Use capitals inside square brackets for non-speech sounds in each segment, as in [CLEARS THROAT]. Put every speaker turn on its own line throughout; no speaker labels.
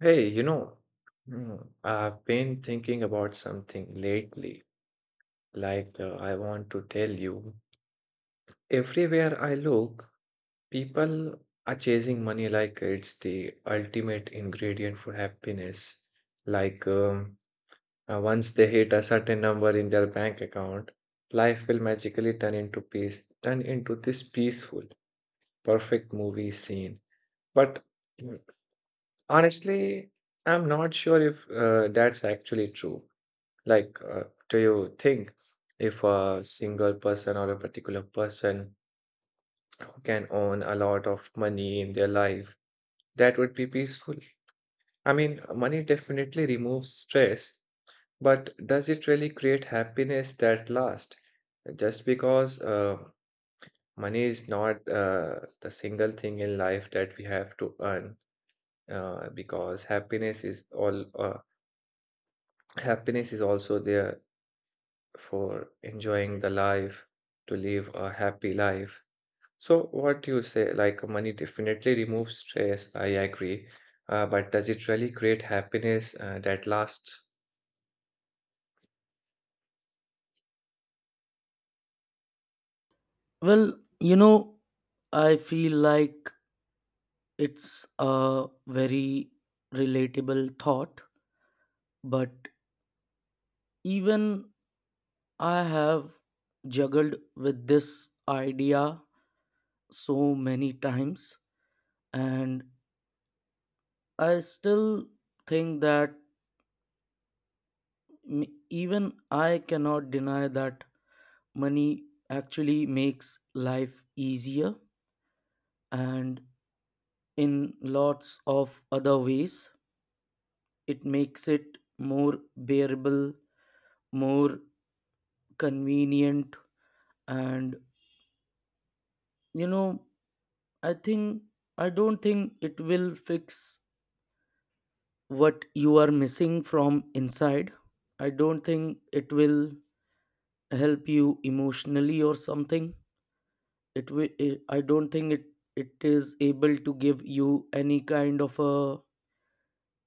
Hey, I've been thinking about something lately. Like, I want to tell you, everywhere I look, people are chasing money like it's the ultimate ingredient for happiness. Like, once they hit a certain number in their bank account, life will magically turn into peace, turn into this peaceful, perfect movie scene. But [CLEARS THROAT] mm, honestly, I'm not sure if that's actually true. Like, do you think if a single person or a particular person who can earn a lot of money in their life, that would be peaceful? I mean, money definitely removes stress, but does it really create happiness that lasts? Just because money is not the single thing in life that we have to earn, because happiness is also there for enjoying the life, to live a happy life. So, what you say, like money definitely removes stress, I agree. But does it really create happiness that lasts?
Well, you know, I feel like it's a very relatable thought, but even I have juggled with this idea so many times, and I still think that even I cannot deny that money actually makes life easier, and in lots of other ways it makes it more bearable, more convenient. And you know I think I don't think it will fix what you are missing from inside. I don't think it will help you emotionally or something. It will, I don't think it is able to give you any kind of a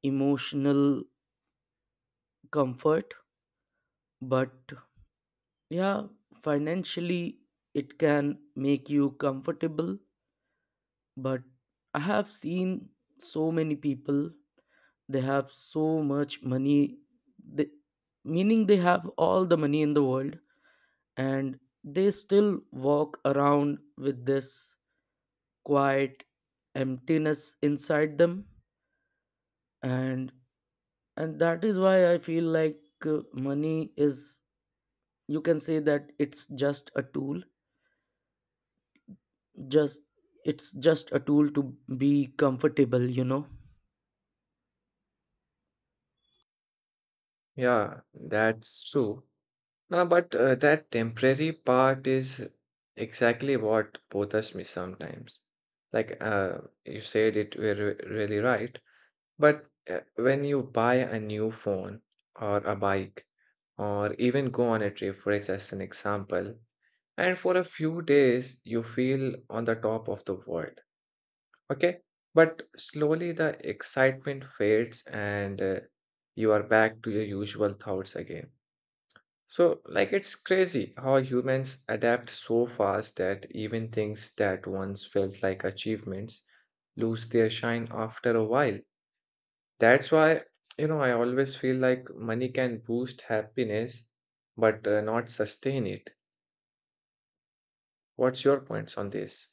emotional comfort. But yeah, financially it can make you comfortable. But I have seen so many people, they have so much money. they, Meaning they have all the money in the world, and they still walk around with this quiet emptiness inside them. And and that is why I feel like money is, you can say that it's just a tool, just it's just a tool to be comfortable.
Yeah, that's true. But that temporary part is exactly what bothers me sometimes. Like you said it were really right. But when you buy a new phone or a bike, or even go on a trip, for it's as an example, and for a few days you feel on the top of the world, okay? But slowly the excitement fades and you are back to your usual thoughts again. So, like, it's crazy how humans adapt so fast that even things that once felt like achievements lose their shine after a while. That's why, I always feel like money can boost happiness, but not sustain it. What's your points on this?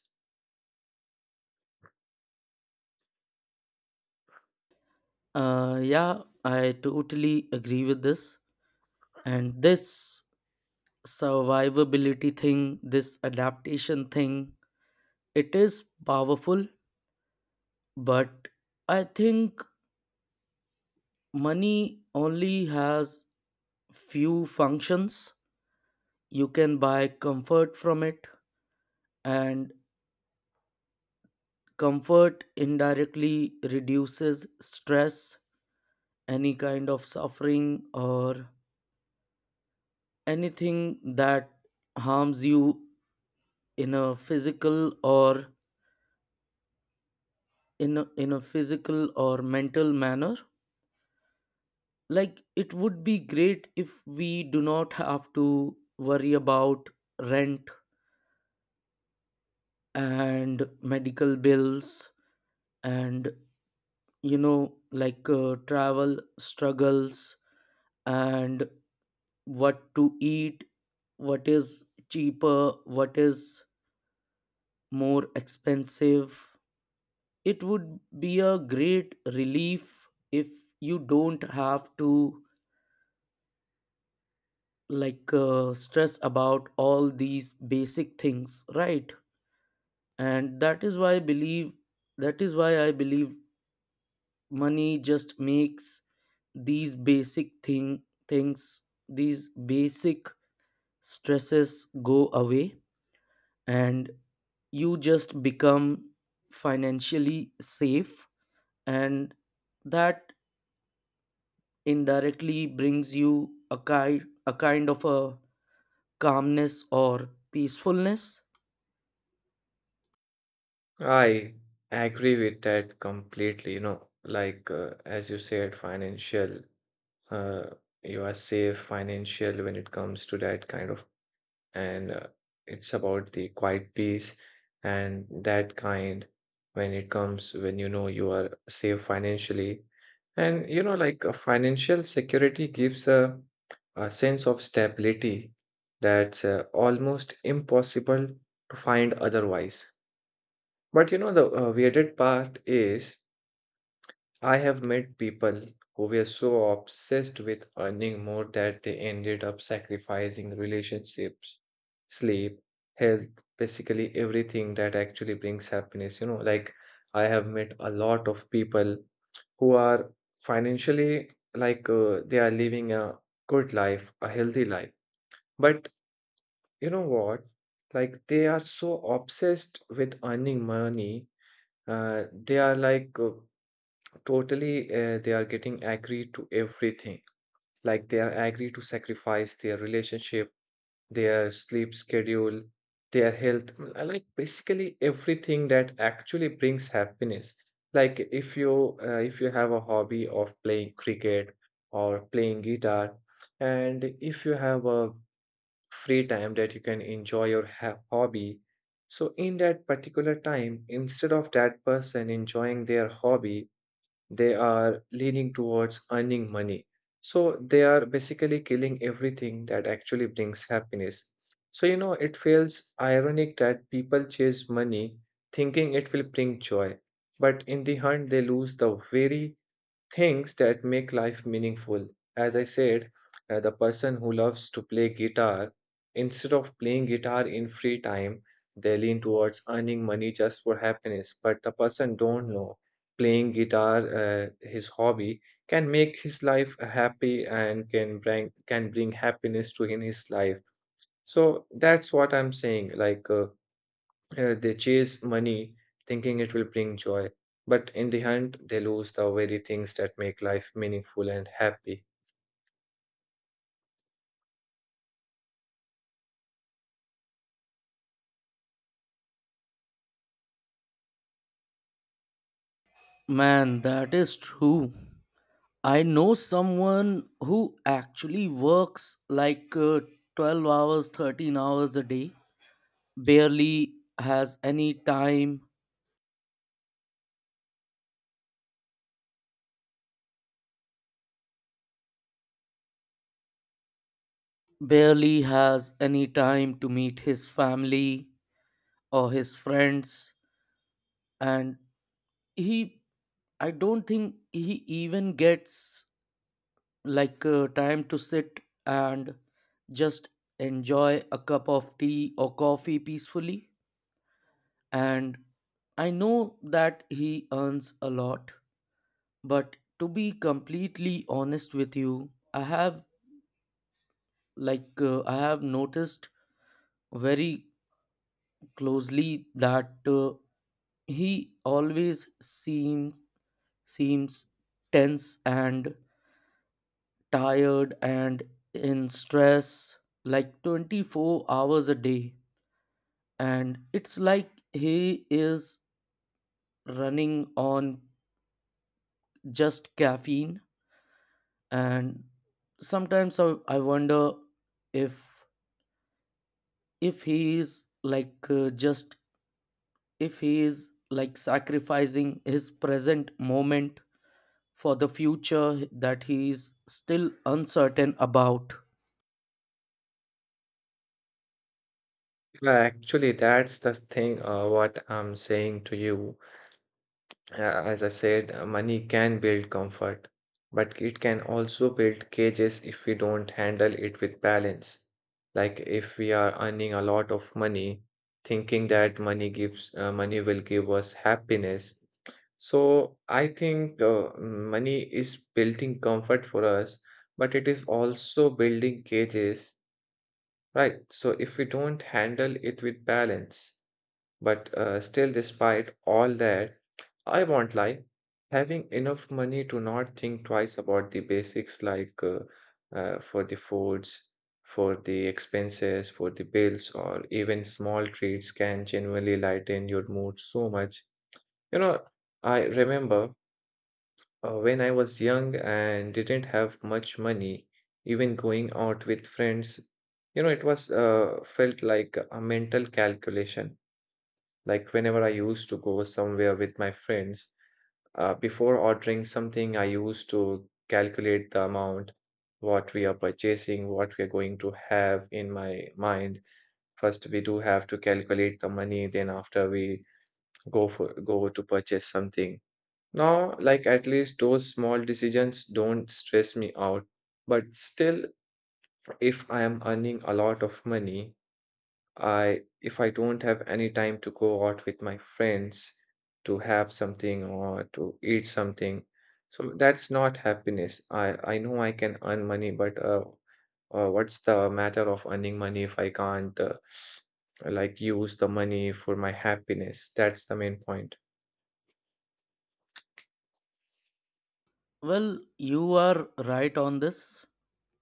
Yeah, I totally agree with this. And this survivability thing, this adaptation thing, it is powerful, but I think money only has few functions. You can buy comfort from it, and comfort indirectly reduces stress, any kind of suffering, or anything that harms you in a physical or in a physical or mental manner. Like it would be great if we do not have to worry about rent and medical bills, and travel struggles and what to eat, what is cheaper, what is more expensive. It would be a great relief if you don't have to stress about all these basic things, right? And that is why I believe money just makes these basic thing things, these basic stresses go away, and you just become financially safe. And that indirectly brings you a kind, a kind of a calmness or peacefulness.
I agree with that completely. You know, like as you said, financial, uh, you are safe financial when it comes to that kind of, and it's about the quiet peace and that kind when it comes, when you know you are safe financially. And you know, like a financial security gives a sense of stability that's almost impossible to find otherwise. But you know the weirded part is I have met people who were so obsessed with earning more that they ended up sacrificing relationships, sleep, health, basically everything that actually brings happiness. You know, like I have met a lot of people who are financially, like they are living a good life, a healthy life. But you know what? Like they are so obsessed with earning money, they are like totally, they are getting agree to everything. Like they are agree to sacrifice their relationship, their sleep schedule, their health, like basically everything that actually brings happiness. Like if you have a hobby of playing cricket or playing guitar, and if you have a free time that you can enjoy your ha hobby, so in that particular time, instead of that person enjoying their hobby, they are leaning towards earning money. So they are basically killing everything that actually brings happiness. So, it feels ironic that people chase money thinking it will bring joy, but in the hunt, they lose the very things that make life meaningful. As I said, the person who loves to play guitar, instead of playing guitar in free time, they lean towards earning money just for happiness. But the person don't know playing guitar, his hobby, can make his life happy and can bring happiness to in his life. So that's what I'm saying. Like. They chase money thinking it will bring joy, but in the end, they lose the very things that make life meaningful and happy.
Man, that is true. I know someone who actually works 12 hours, 13 hours a day, barely has any time, barely has any time to meet his family or his friends. And he, I don't think he even gets time to sit and just enjoy a cup of tea or coffee peacefully. And I know that he earns a lot, but to be completely honest with you, I have I have noticed very closely that he always seems tense and tired and in stress like 24 hours a day. And it's like he is running on just caffeine. And sometimes I wonder if if he is just, if he is like sacrificing his present moment for the future that he is still uncertain about.
Yeah, actually, that's the thing what I'm saying to you. As I said, money can build comfort, but it can also build cages if we don't handle it with balance. Like if we are earning a lot of money, thinking that money will give us happiness. So I think money is building comfort for us, but it is also building cages, right? So if we don't handle it with balance, but still, despite all that, I won't lie, having enough money to not think twice about the basics, like for the foods, for the expenses, for the bills, or even small treats can genuinely lighten your mood so much. You know, I remember. When I was young and didn't have much money, even going out with friends, you know, it was felt like a mental calculation. Like whenever I used to go somewhere with my friends, before ordering something, I used to calculate the amount, what we are purchasing, what we are going to have in my mind. First, we do have to calculate the money, then after we go to purchase something. Now, like at least those small decisions don't stress me out. But still, if I am earning a lot of money, I if I don't have any time to go out with my friends to have something or to eat something, so that's not happiness. I know I can earn money, but what's the matter of earning money if I can't like use the money for my happiness? That's the main point.
Well, you are right on this.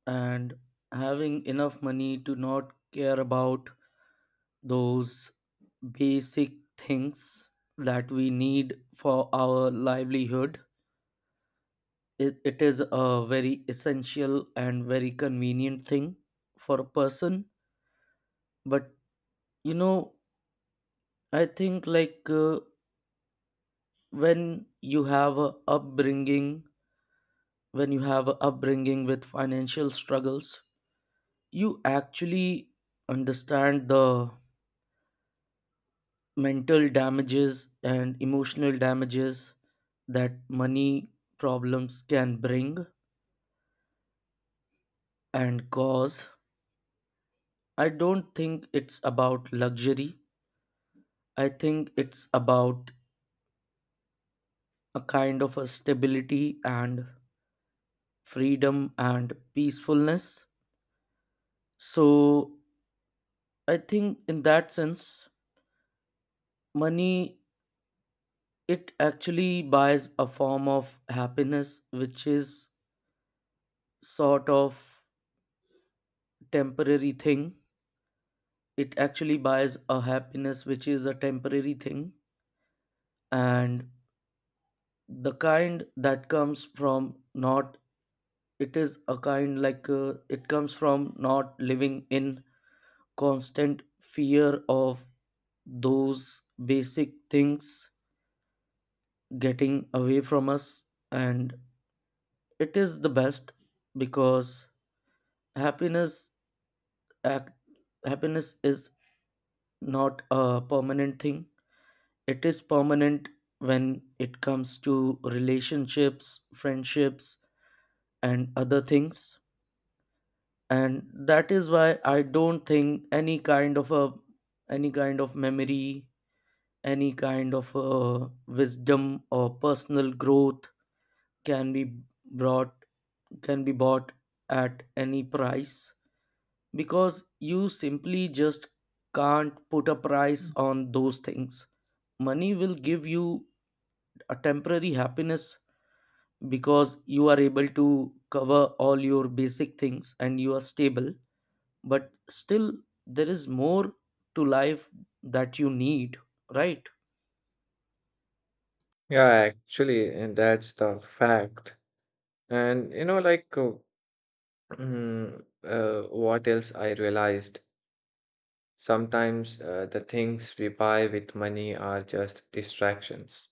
And having enough money to not care about those basic things that we need for our livelihood, it is a very essential and very convenient thing for a person. But you know, I think when you have a upbringing when you have a upbringing with financial struggles, you actually understand the mental damages and emotional damages that money problems can bring and cause. I don't think it's about luxury. I think it's about a kind of a stability and freedom and peacefulness. So I think in that sense, money, it actually buys a form of happiness, which is sort of temporary thing. It actually buys a happiness which is a temporary thing, and the kind that comes from not, it is a kind it comes from not living in constant fear of those basic things getting away from us. And it is the best, because happiness act, happiness is not a permanent thing. It is permanent when it comes to relationships, friendships, and other things. And that is why I don't think any kind of a, any kind of memory, any kind of wisdom or personal growth can be brought can be bought at any price, because you simply just can't put a price on those things. Money will give you a temporary happiness because you are able to cover all your basic things and you are stable. But still, there is more to life that you need, right?
Yeah, actually, and that's the fact. And you know, like, what else I realized? Sometimes the things we buy with money are just distractions.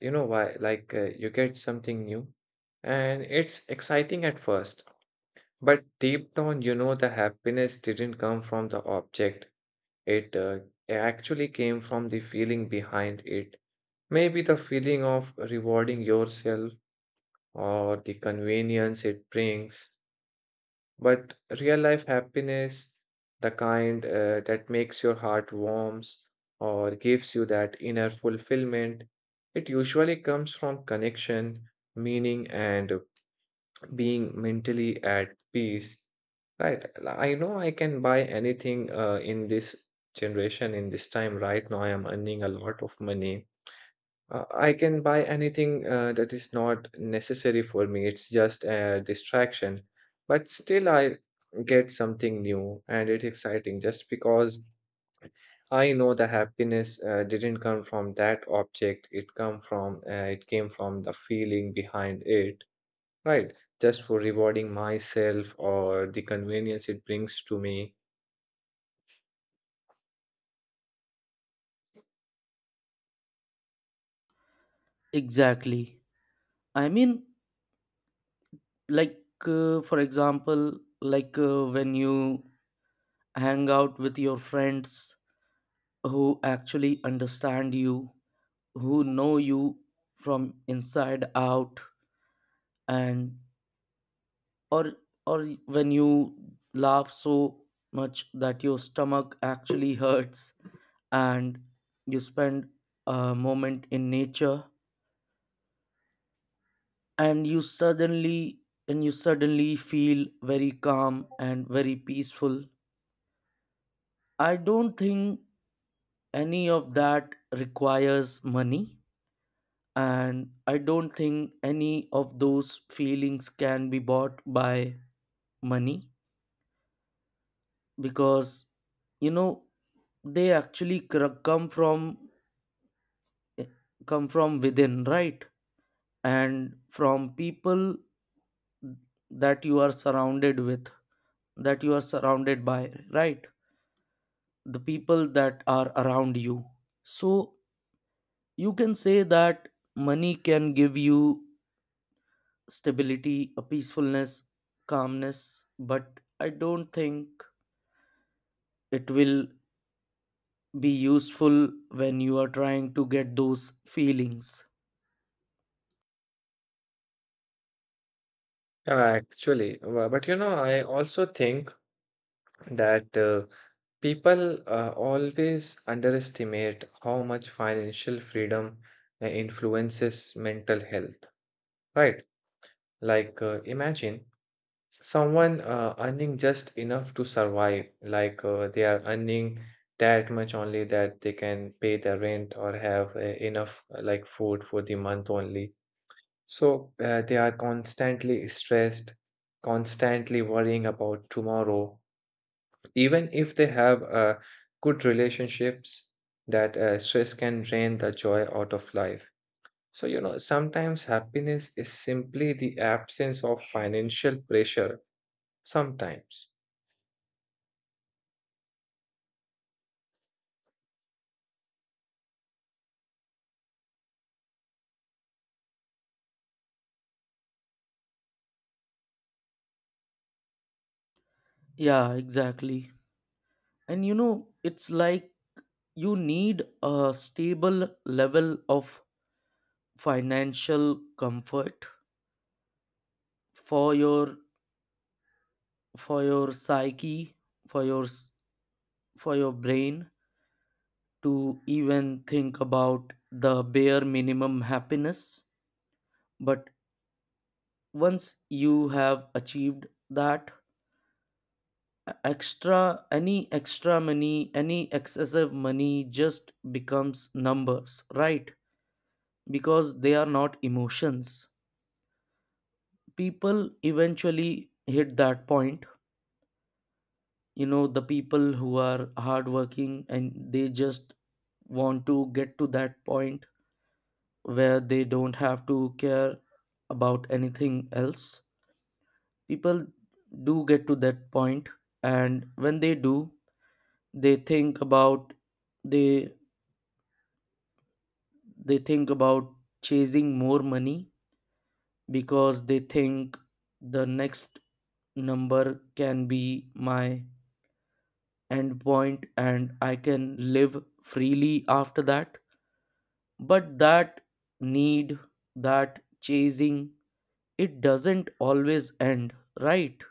You know why? Like, you get something new and it's exciting at first, but deep down, you know, the happiness didn't come from the object. It actually came from the feeling behind it. Maybe the feeling of rewarding yourself or the convenience it brings. But real life happiness, the kind that makes your heart warms or gives you that inner fulfillment, it usually comes from connection, meaning, and being mentally at peace. Right. I know I can buy anything in this generation, in this time. Right now, I am earning a lot of money. I can buy anything that is not necessary for me. It's just a distraction. But still, I get something new and it's exciting just because I know the happiness didn't come from that object. It came from the feeling behind it, right? Just for rewarding myself or the convenience it brings to me.
Exactly. I mean, for example, when you hang out with your friends who actually understand you, who know you from inside out, and, or or when you laugh so much that your stomach actually hurts, and you spend a moment in nature, and you suddenly and you suddenly feel very calm and very peaceful. I don't think any of that requires money, and I don't think any of those feelings can be bought by money, because you know they actually come from eh, come from within, right? And from people that you are surrounded with that you are surrounded by, right? The people that are around you. So you can say that money can give you stability, a peacefulness, calmness, but I don't think it will be useful when you are trying to get those feelings.
Yeah, actually, but you know, I also think that people always underestimate how much financial freedom influences mental health, right? Like, imagine someone earning just enough to survive, like they are earning that much only that they can pay the rent or have enough like food for the month only. So they are constantly stressed, constantly worrying about tomorrow, even if they have good relationships, that stress can drain the joy out of life. So you know, sometimes happiness is simply the absence of financial pressure, sometimes.
Yeah, exactly. And you know, it's like you need a stable level of financial comfort for your, for your psyche, for your for your brain to even think about the bare minimum happiness. But once you have achieved that, e- extra any extra money, any excessive money just becomes numbers, right? Because they are not emotions. People eventually hit that point. You know, the people who are hardworking and they just want to get to that point where they don't have to care about anything else. People do get to that point, and when they do, they think about, they they think about chasing more money, because they think the next number can be my endpoint and I can live freely after that. But that need, that chasing, it doesn't always end, right?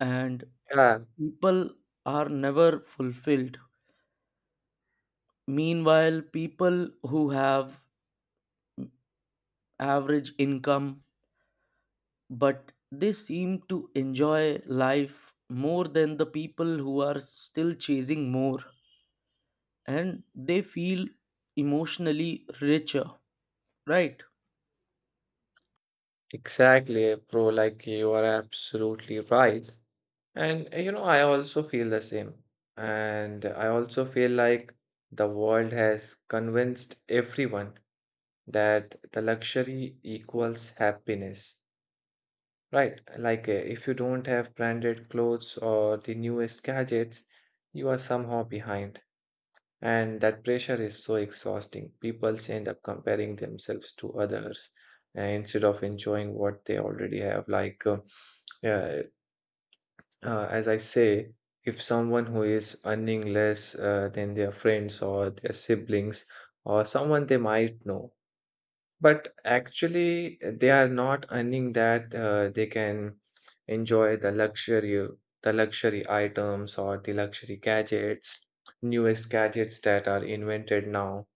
And
Yeah,
people are never fulfilled. Meanwhile, people who have average income, but they seem to enjoy life more than the people who are still chasing more, and they feel emotionally richer, right?
exactly, bro, like you are absolutely right. And you know, I also feel the same, and I also feel like the world has convinced everyone that the luxury equals happiness. Right, like if you don't have branded clothes or the newest gadgets, you are somehow behind. And that pressure is so exhausting. People end up comparing themselves to others instead of enjoying what they already have. Like, uh, as I say, if someone who is earning less than their friends or their siblings or someone they might know, but actually, they are not earning that. They can enjoy the luxury items or the luxury gadgets, newest gadgets that are invented now.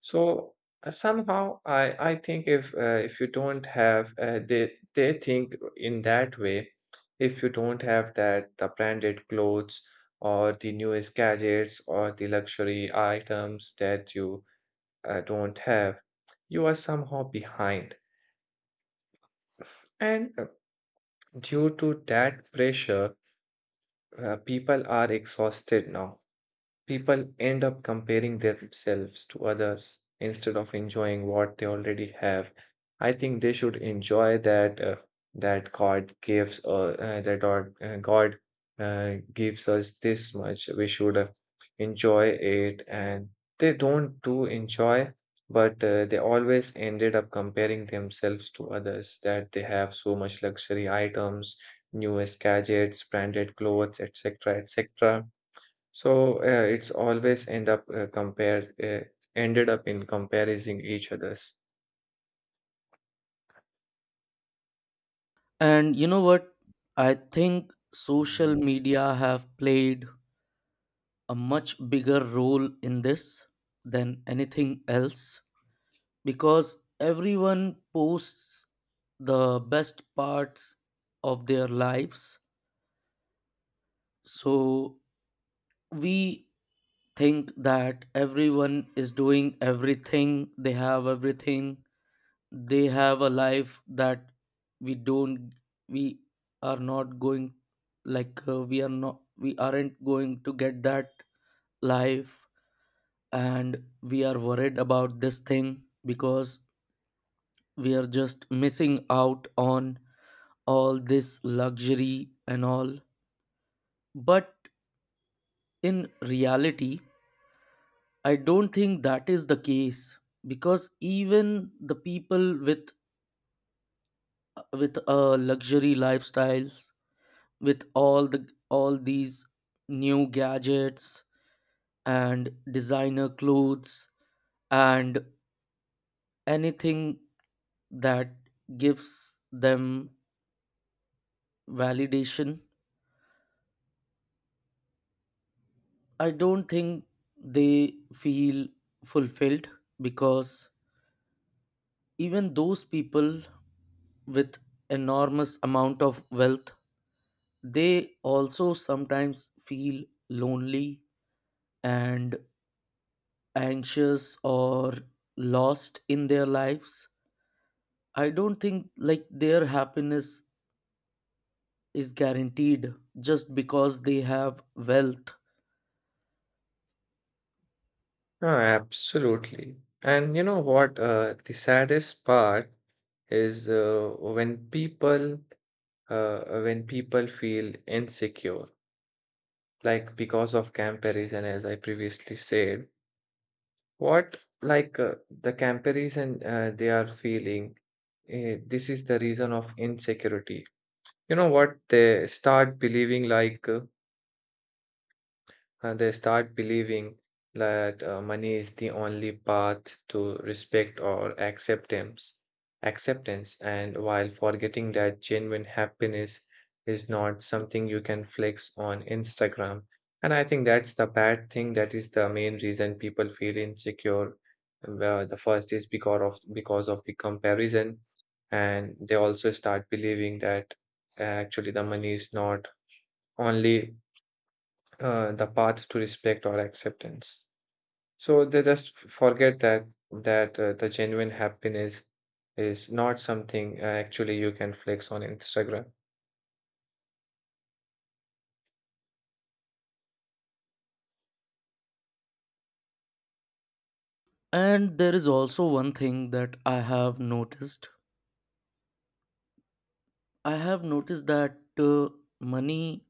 So somehow, I think if you don't have they think in that way, if you don't have that the branded clothes or the newest gadgets or the luxury items that you I don't have, you are somehow behind. And due to that pressure, people are exhausted now. People end up comparing themselves to others instead of enjoying what they already have. I think they should enjoy that that God gives that God, God gives us this much. We should enjoy it, and they don't do enjoy, but they always ended up comparing themselves to others that they have so much luxury items, newest gadgets, branded clothes, etc., etc. So it's always end up compared ended up in comparing each other's.
And you know what, I think social
Mm.
media have played a much bigger role in this than anything else, because everyone posts the best parts of their lives. So we think that everyone is doing everything, they have everything, they have a life that we don't, we are not going, we aren't going to get that life, and we are worried about this thing because we are just missing out on all this luxury and all. But in reality, I don't think that is the case, because even the people with a luxury lifestyles, with all the, all these new gadgets and designer clothes and anything that gives them validation, I don't think they feel fulfilled. Because even those people with enormous amount of wealth, they also sometimes feel lonely and anxious or lost in their lives. I don't think like their happiness is guaranteed just because they have wealth.
Oh, absolutely. And you know what? The saddest part is when people feel insecure, like because of comparison, as I previously said. What like the comparison they are feeling? This is the reason of insecurity. You know what? They start believing like. And they start believing that money is the only path to respect or acceptance and while forgetting that genuine happiness is not something you can flex on Instagram. And I think that's the bad thing, that is the main reason people feel insecure. Well, the first is because of the comparison, and they also start believing that actually the money is not only the path to respect or acceptance. So they just forget that the genuine happiness is not something actually you can flex on Instagram.
And there is also one thing that I have noticed. I have noticed that money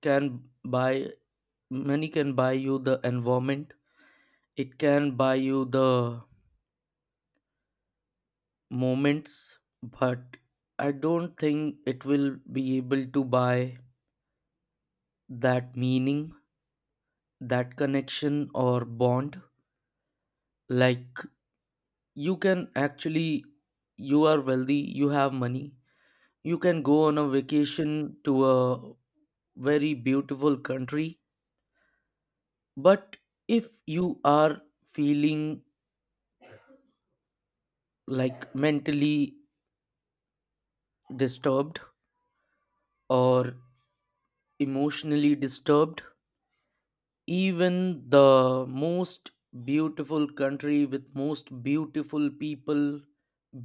can buy, money can buy you the environment. It can buy you the moments, but I don't think it will be able to buy that meaning, that connection or bond. Like you can actually, you are wealthy, you have money. You can go on a vacation to a very beautiful country. But if you are feeling like mentally disturbed or emotionally disturbed, even the most beautiful country with most beautiful people,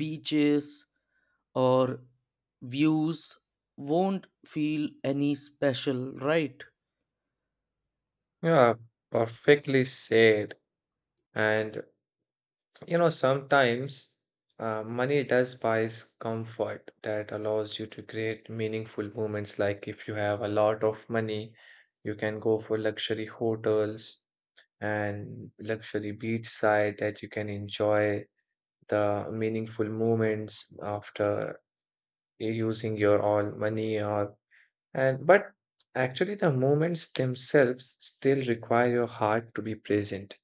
beaches, or views won't feel any special, right?
Yeah, perfectly said. And you know sometimes money does buys comfort that allows you to create meaningful moments. Like if you have a lot of money, you can go for luxury hotels and luxury beachside that you can enjoy the meaningful moments after using your all money, or and but actually the moments themselves still require your heart to be present,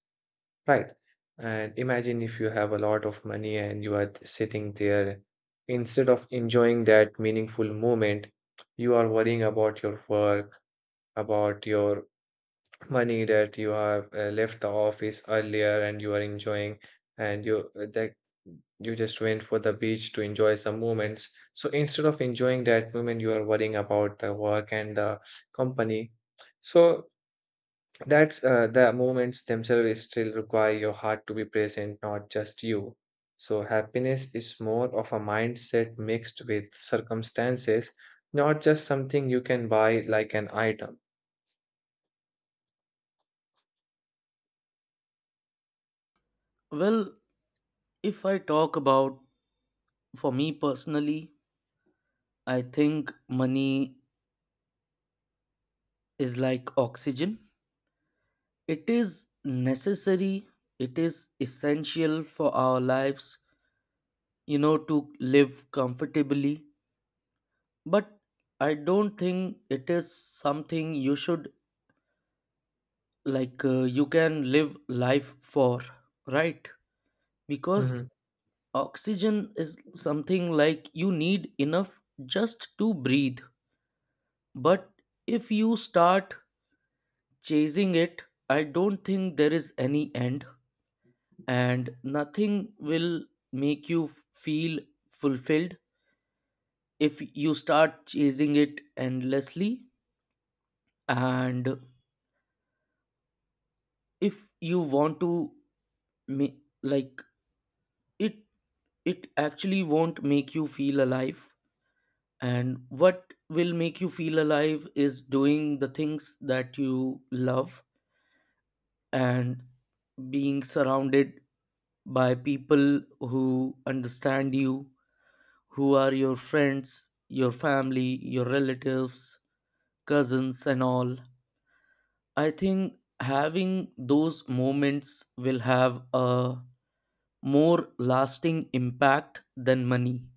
right? And imagine if you have a lot of money and you are sitting there instead of enjoying that meaningful moment, you are worrying about your work, about your money, that you have left the office earlier and you are enjoying, and you that you just went for the beach to enjoy some moments, so instead of enjoying that moment you are worrying about the work and the company. So that's the moments themselves still require your heart to be present, not just you. So happiness is more of a mindset mixed with circumstances, not just something you can buy like an item.
Well, if I talk about, for me personally, I think money is like oxygen. It is necessary, it is essential for our lives, you know, to live comfortably. But I don't think it is something you should, you can live life for, right? Because
Mhm.
oxygen is something like you need enough just to breathe. But if you start chasing it, I don't think there is any end, and nothing will make you feel fulfilled if you start chasing it endlessly. And if you want to ma- like it, it actually won't make you feel alive. And what will make you feel alive is doing the things that you love, and being surrounded by people who understand you, who are your friends, your family, your relatives, cousins, and all. I think having those moments will have a more lasting impact than money.